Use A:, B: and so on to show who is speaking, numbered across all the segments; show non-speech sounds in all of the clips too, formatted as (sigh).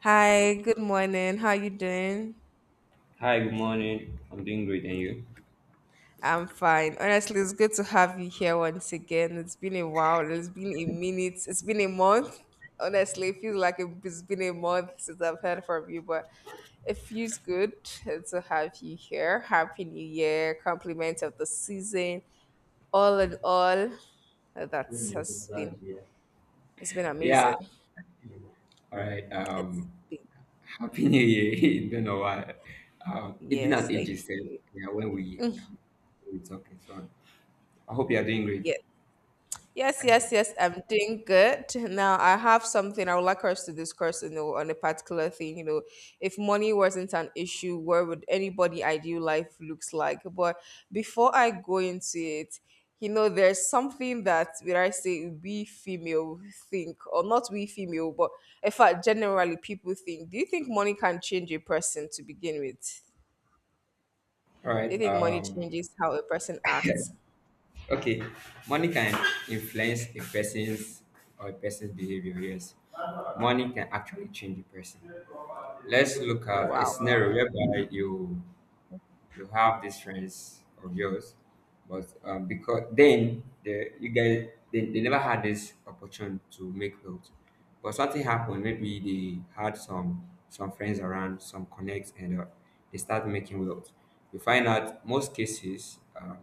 A: Hi, good morning. How you doing?
B: Hi, good morning. I'm doing great, and you?
A: I'm fine. Honestly, it's good to have you here once again. It's been a while. It's been a minute. It's been a month. Honestly, it feels like it's been a month since I've heard from you, but it feels good to have you here. Happy New Year, compliment of the season. All in all, that has been it's been
B: Yeah,
A: amazing.
B: all right.
A: It's been
B: Happy New Year. (laughs) Don't know why. It's been
A: Yes,
B: an age
A: thank
B: since
A: you.
B: yeah, when we talking. So I hope you are doing great.
A: Yes. Yes,
B: Next one.
A: yes, yes. I'm doing good. Now I have something I would like us to discuss on a particular thing. If money wasn't an issue, where would anybody ideal life looks like? But before I go into it, there's something that would I say we female think, or not we female, but in fact, generally people think. Do you think money can change a person to begin with?
B: All
A: Do
B: right.
A: you think money changes how a person
B: (laughs)
A: acts?
B: Okay. Money can influence a person's or a person's behavior. Yes, money can actually change a person. Let's look at a
A: Wow.
B: scenario whereby you have these friends of yours, but because then the you guys they never had this opportunity to make clothes, but something happened. Maybe they had some friends around, some connects, and they start making clothes. You find out most cases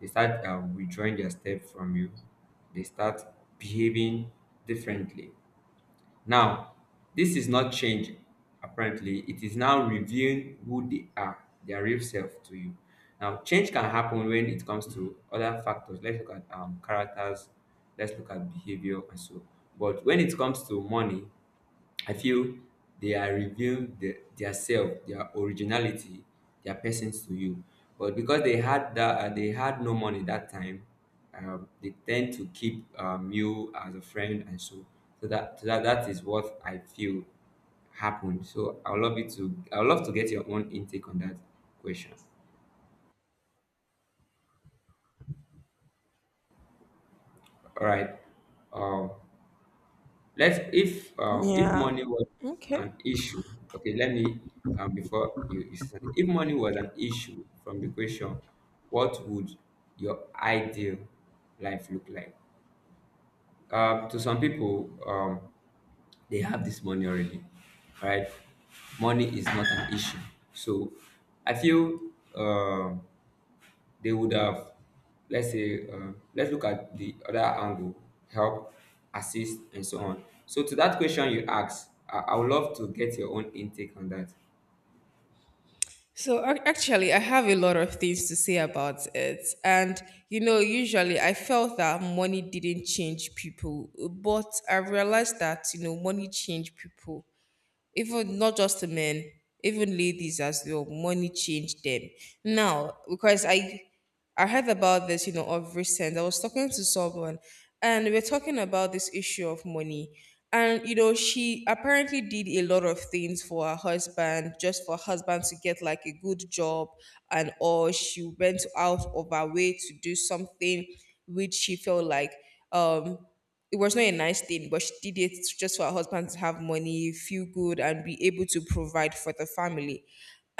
B: they start withdrawing their step from you. They start behaving differently now, this is not change apparently, it is now revealing who they are, their real self to you. Now, change can happen when it comes to other factors. Let's look at characters, let's look at behavior and so. But when it comes to money, I feel they are revealing their self, their originality, their persons to you. But because they had that, they had no money that time, they tend to keep you as a friend, and so so that that is what I feel happened. So I would love to get your own intake on that question. All right. Um, Let's if
A: Yeah.
B: money was
A: Okay.
B: an issue, okay. Let me before you say something. If money was an issue from the question, what would your ideal life look like? To some people, they have this money already, right? Money is not an issue. So I feel um they would have, let's say, let's look at the other angle, help, assist, and so on. So to that question you asked, I would love to get your own intake on that.
A: So actually, I have a lot of things to say about it. And usually I felt that money didn't change people, but I realized that money changed people even not just to men, even ladies as well. Money changed them. Now, because I heard about this, of recent. I was talking to someone and we are talking about this issue of money. And she apparently did a lot of things for her husband, just for her husband to get like a good job and all. She went out of her way to do something which she felt like um it was not a nice thing, but she did it just for her husband to have money, feel good, and be able to provide for the family.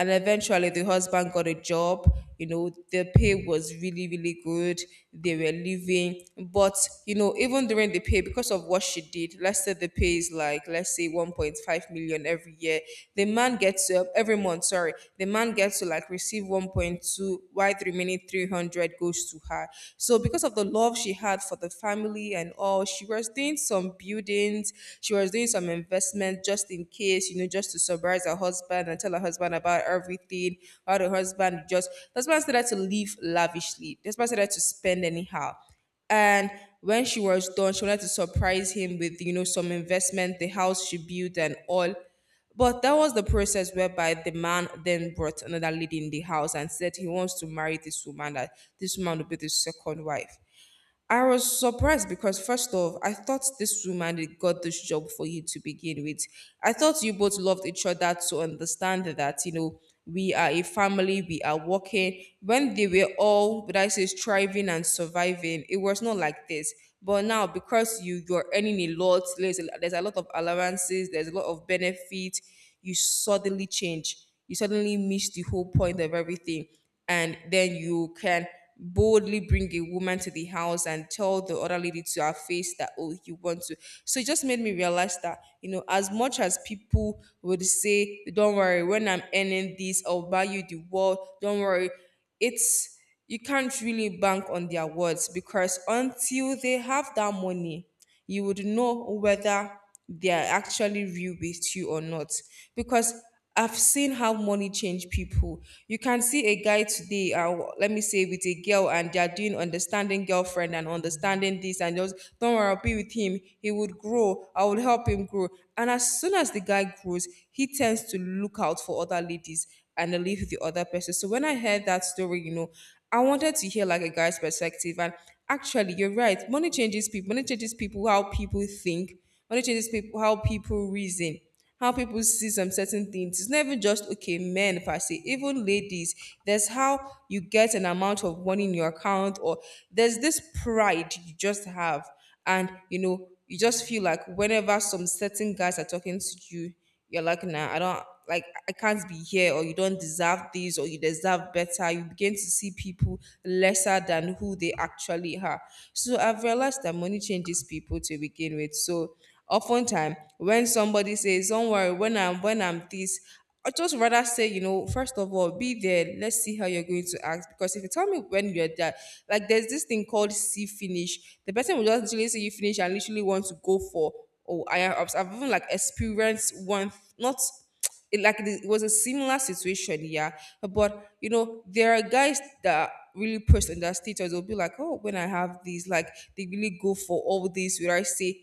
A: And eventually, the husband got a job. The pay was really, really good. They were living. But even during the pay, because of what she did, let's say the pay is like, let's say 1.5 million every year. The man gets to, every month, sorry, the man gets to like receive 1.2, why the remaining 300 goes to her. So, because of the love she had for the family and all. She was doing some buildings, she was doing some investment just in case, just to surprise her husband and tell her husband about everything. How the husband started to live lavishly. The husband started to spend anyhow. And when she was done, she wanted to surprise him with some investment, the house she built and all. But that was the process whereby the man then brought another lady in the house and said he wants to marry this woman, that this woman will be the second wife. I was surprised because first off, I thought this woman that got this job for you to begin with. I thought you both loved each other to understand that we are a family, we are working. When they were all, but I say striving and surviving, it was not like this. But now because you're earning a lot, there's a lot of allowances, there's a lot of benefit, you suddenly change. You suddenly miss the whole point of everything and then you can boldly bring a woman to the house and tell the other lady to her face that, oh, you want to. So it just made me realize that as much as people would say, don't worry, when I'm earning this, I'll buy you the world, don't worry. It's, you can't really bank on their words, because until they have that money you would know whether they are actually real with you or not, because I've seen how money change people. You can see a guy today, let me say, with a girl, and they are doing understanding girlfriend and understanding this, and just don't worry, I'll be with him. He would grow. I would help him grow. And as soon as the guy grows, he tends to look out for other ladies and then leave the other person. So when I heard that story, I wanted to hear like a guy's perspective. And actually, you're right. Money changes people. Money changes people how people think. Money changes people how people reason, how people see some certain things. It's not even just, okay, men per se, even ladies. There's how you get an amount of money in your account, or there's this pride you just have, and you just feel like whenever some certain guys are talking to you, you're like, nah, I don't like, I can't be here, or you don't deserve this, or you deserve better. You begin to see people lesser than who they actually are. So I've realized that money changes people to begin with. So oftentimes when somebody says, don't worry, when I'm this, I just rather say, first of all, be there. Let's see how you're going to act. Because if you tell me when you're there, like there's this thing called see finish. The person will just literally say you finish and literally want to go for. Oh, I've even like experienced one. Not it, like it was a similar situation, yeah. But there are guys that really push on their status. They'll be like, oh, when I have these, like, they really go for all this. Where I say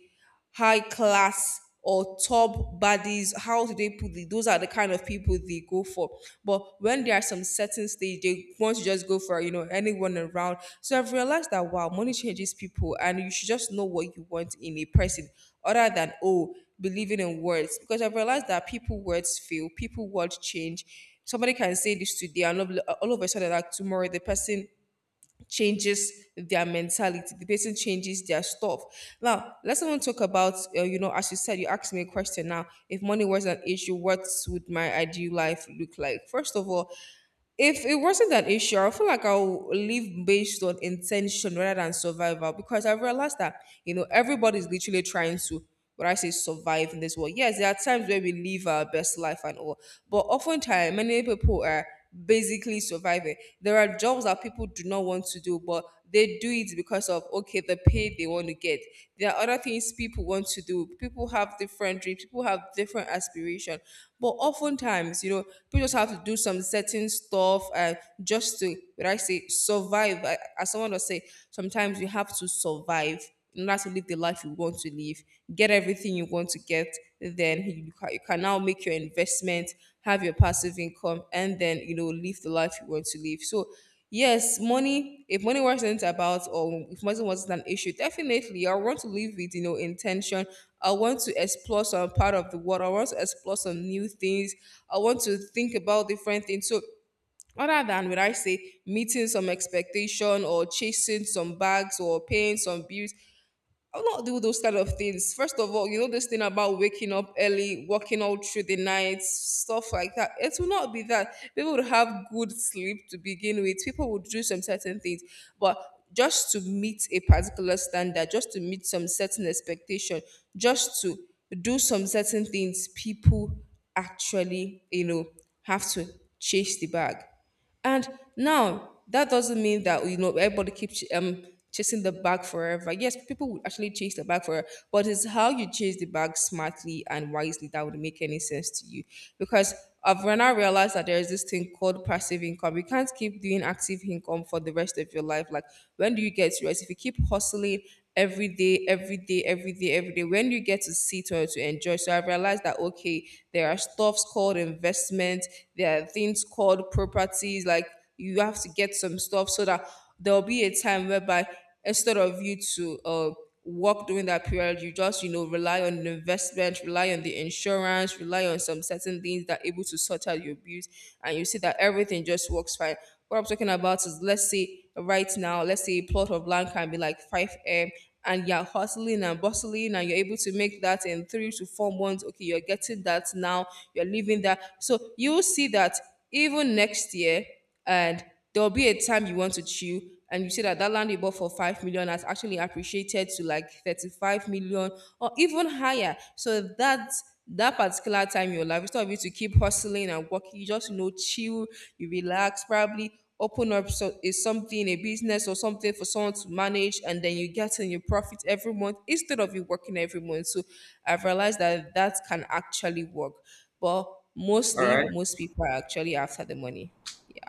A: high class or top bodies, how do they put it? Those are the kind of people they go for. But when there are some certain stage, they want to just go for anyone around. So I've realized that, wow, money changes people, and you should just know what you want in a person, other than, oh, believing in words. Because I've realized that people words fail, people words change. Somebody can say this today, and all of a sudden, like tomorrow, the person changes their mentality, the person changes their stuff. Now let's even talk about, as you said, you asked me a question, now if money was an issue, what would my ideal life look like? First of all, if it wasn't an issue, I feel like I'll live based on intention rather than survival, because I realized that everybody's literally trying to, what I say, survive in this world. Yes, there are times where we live our best life and all, but oftentimes many people are basically surviving. There are jobs that people do not want to do, but they do it because of, okay, the pay they want to get. There are other things people want to do. People have different dreams, people have different aspirations. But oftentimes, people just have to do some certain stuff and just to what I say survive. As someone was say, sometimes you have to survive in order to live the life you want to live, get everything you want to get. Then you can now make your investment, have your passive income, and then live the life you want to live. So yes, money. If money wasn't about, or if money wasn't an issue, definitely I want to live with intention. I want to explore some part of the world. I want to explore some new things. I want to think about different things. So other than, would I say, meeting some expectation or chasing some bags or paying some bills, I'll not do those kind of things. First of all, this thing about waking up early, working all through the night, stuff like that. It will not be that. People would have good sleep to begin with. People would do some certain things. But just to meet a particular standard, just to meet some certain expectation, just to do some certain things, people actually have to chase the bag. And now that doesn't mean that everybody keeps chasing the bag forever. Yes, people would actually chase the bag forever, but it's how you chase the bag smartly and wisely that would make any sense to you. Because I've now realized that there is this thing called passive income. You can't keep doing active income for the rest of your life. Like, when do you get to rest? If you keep hustling every day, every day, every day, every day. When you get to sit or to enjoy, so I realized that, okay, there are stuffs called investment, there are things called properties. Like, you have to get some stuff so that there'll be a time whereby instead of you to work during that period, you just, rely on the investment, rely on the insurance, rely on some certain things that are able to sort out your bills, and you see that everything just works fine. What I'm talking about is, let's say right now, let's say a plot of land can be like 5M and you're hustling and bustling and you're able to make that in 3 to 4 months. Okay, you're getting that now, you're living that. So you will see that even next year, and there'll be a time you want to chill and you see that that land you bought for 5 million has actually appreciated to like 35 million or even higher. So that that particular time in your life, instead of you to keep hustling and working, you just chill, you relax, probably open up so, is something a business or something for someone to manage, and then you get in your profit every month instead of you working every month. So I've realized that that can actually work, but
B: All
A: mostly
B: right.
A: most people are actually after the money. Yeah.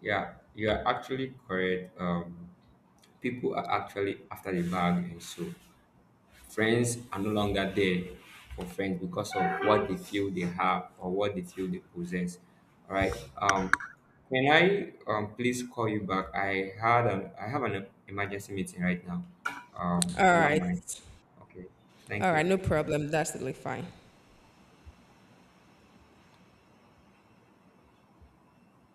B: Yeah, you are actually correct. People are actually after the bag and so. Friends are no longer there for friends because of what they feel they have or what they feel they possess. All right. Can I please call you back? I have an emergency meeting right now.
A: All
B: If you don't
A: right.
B: mind. Okay. Thank
A: All right.
B: you.
A: No problem. That's totally fine.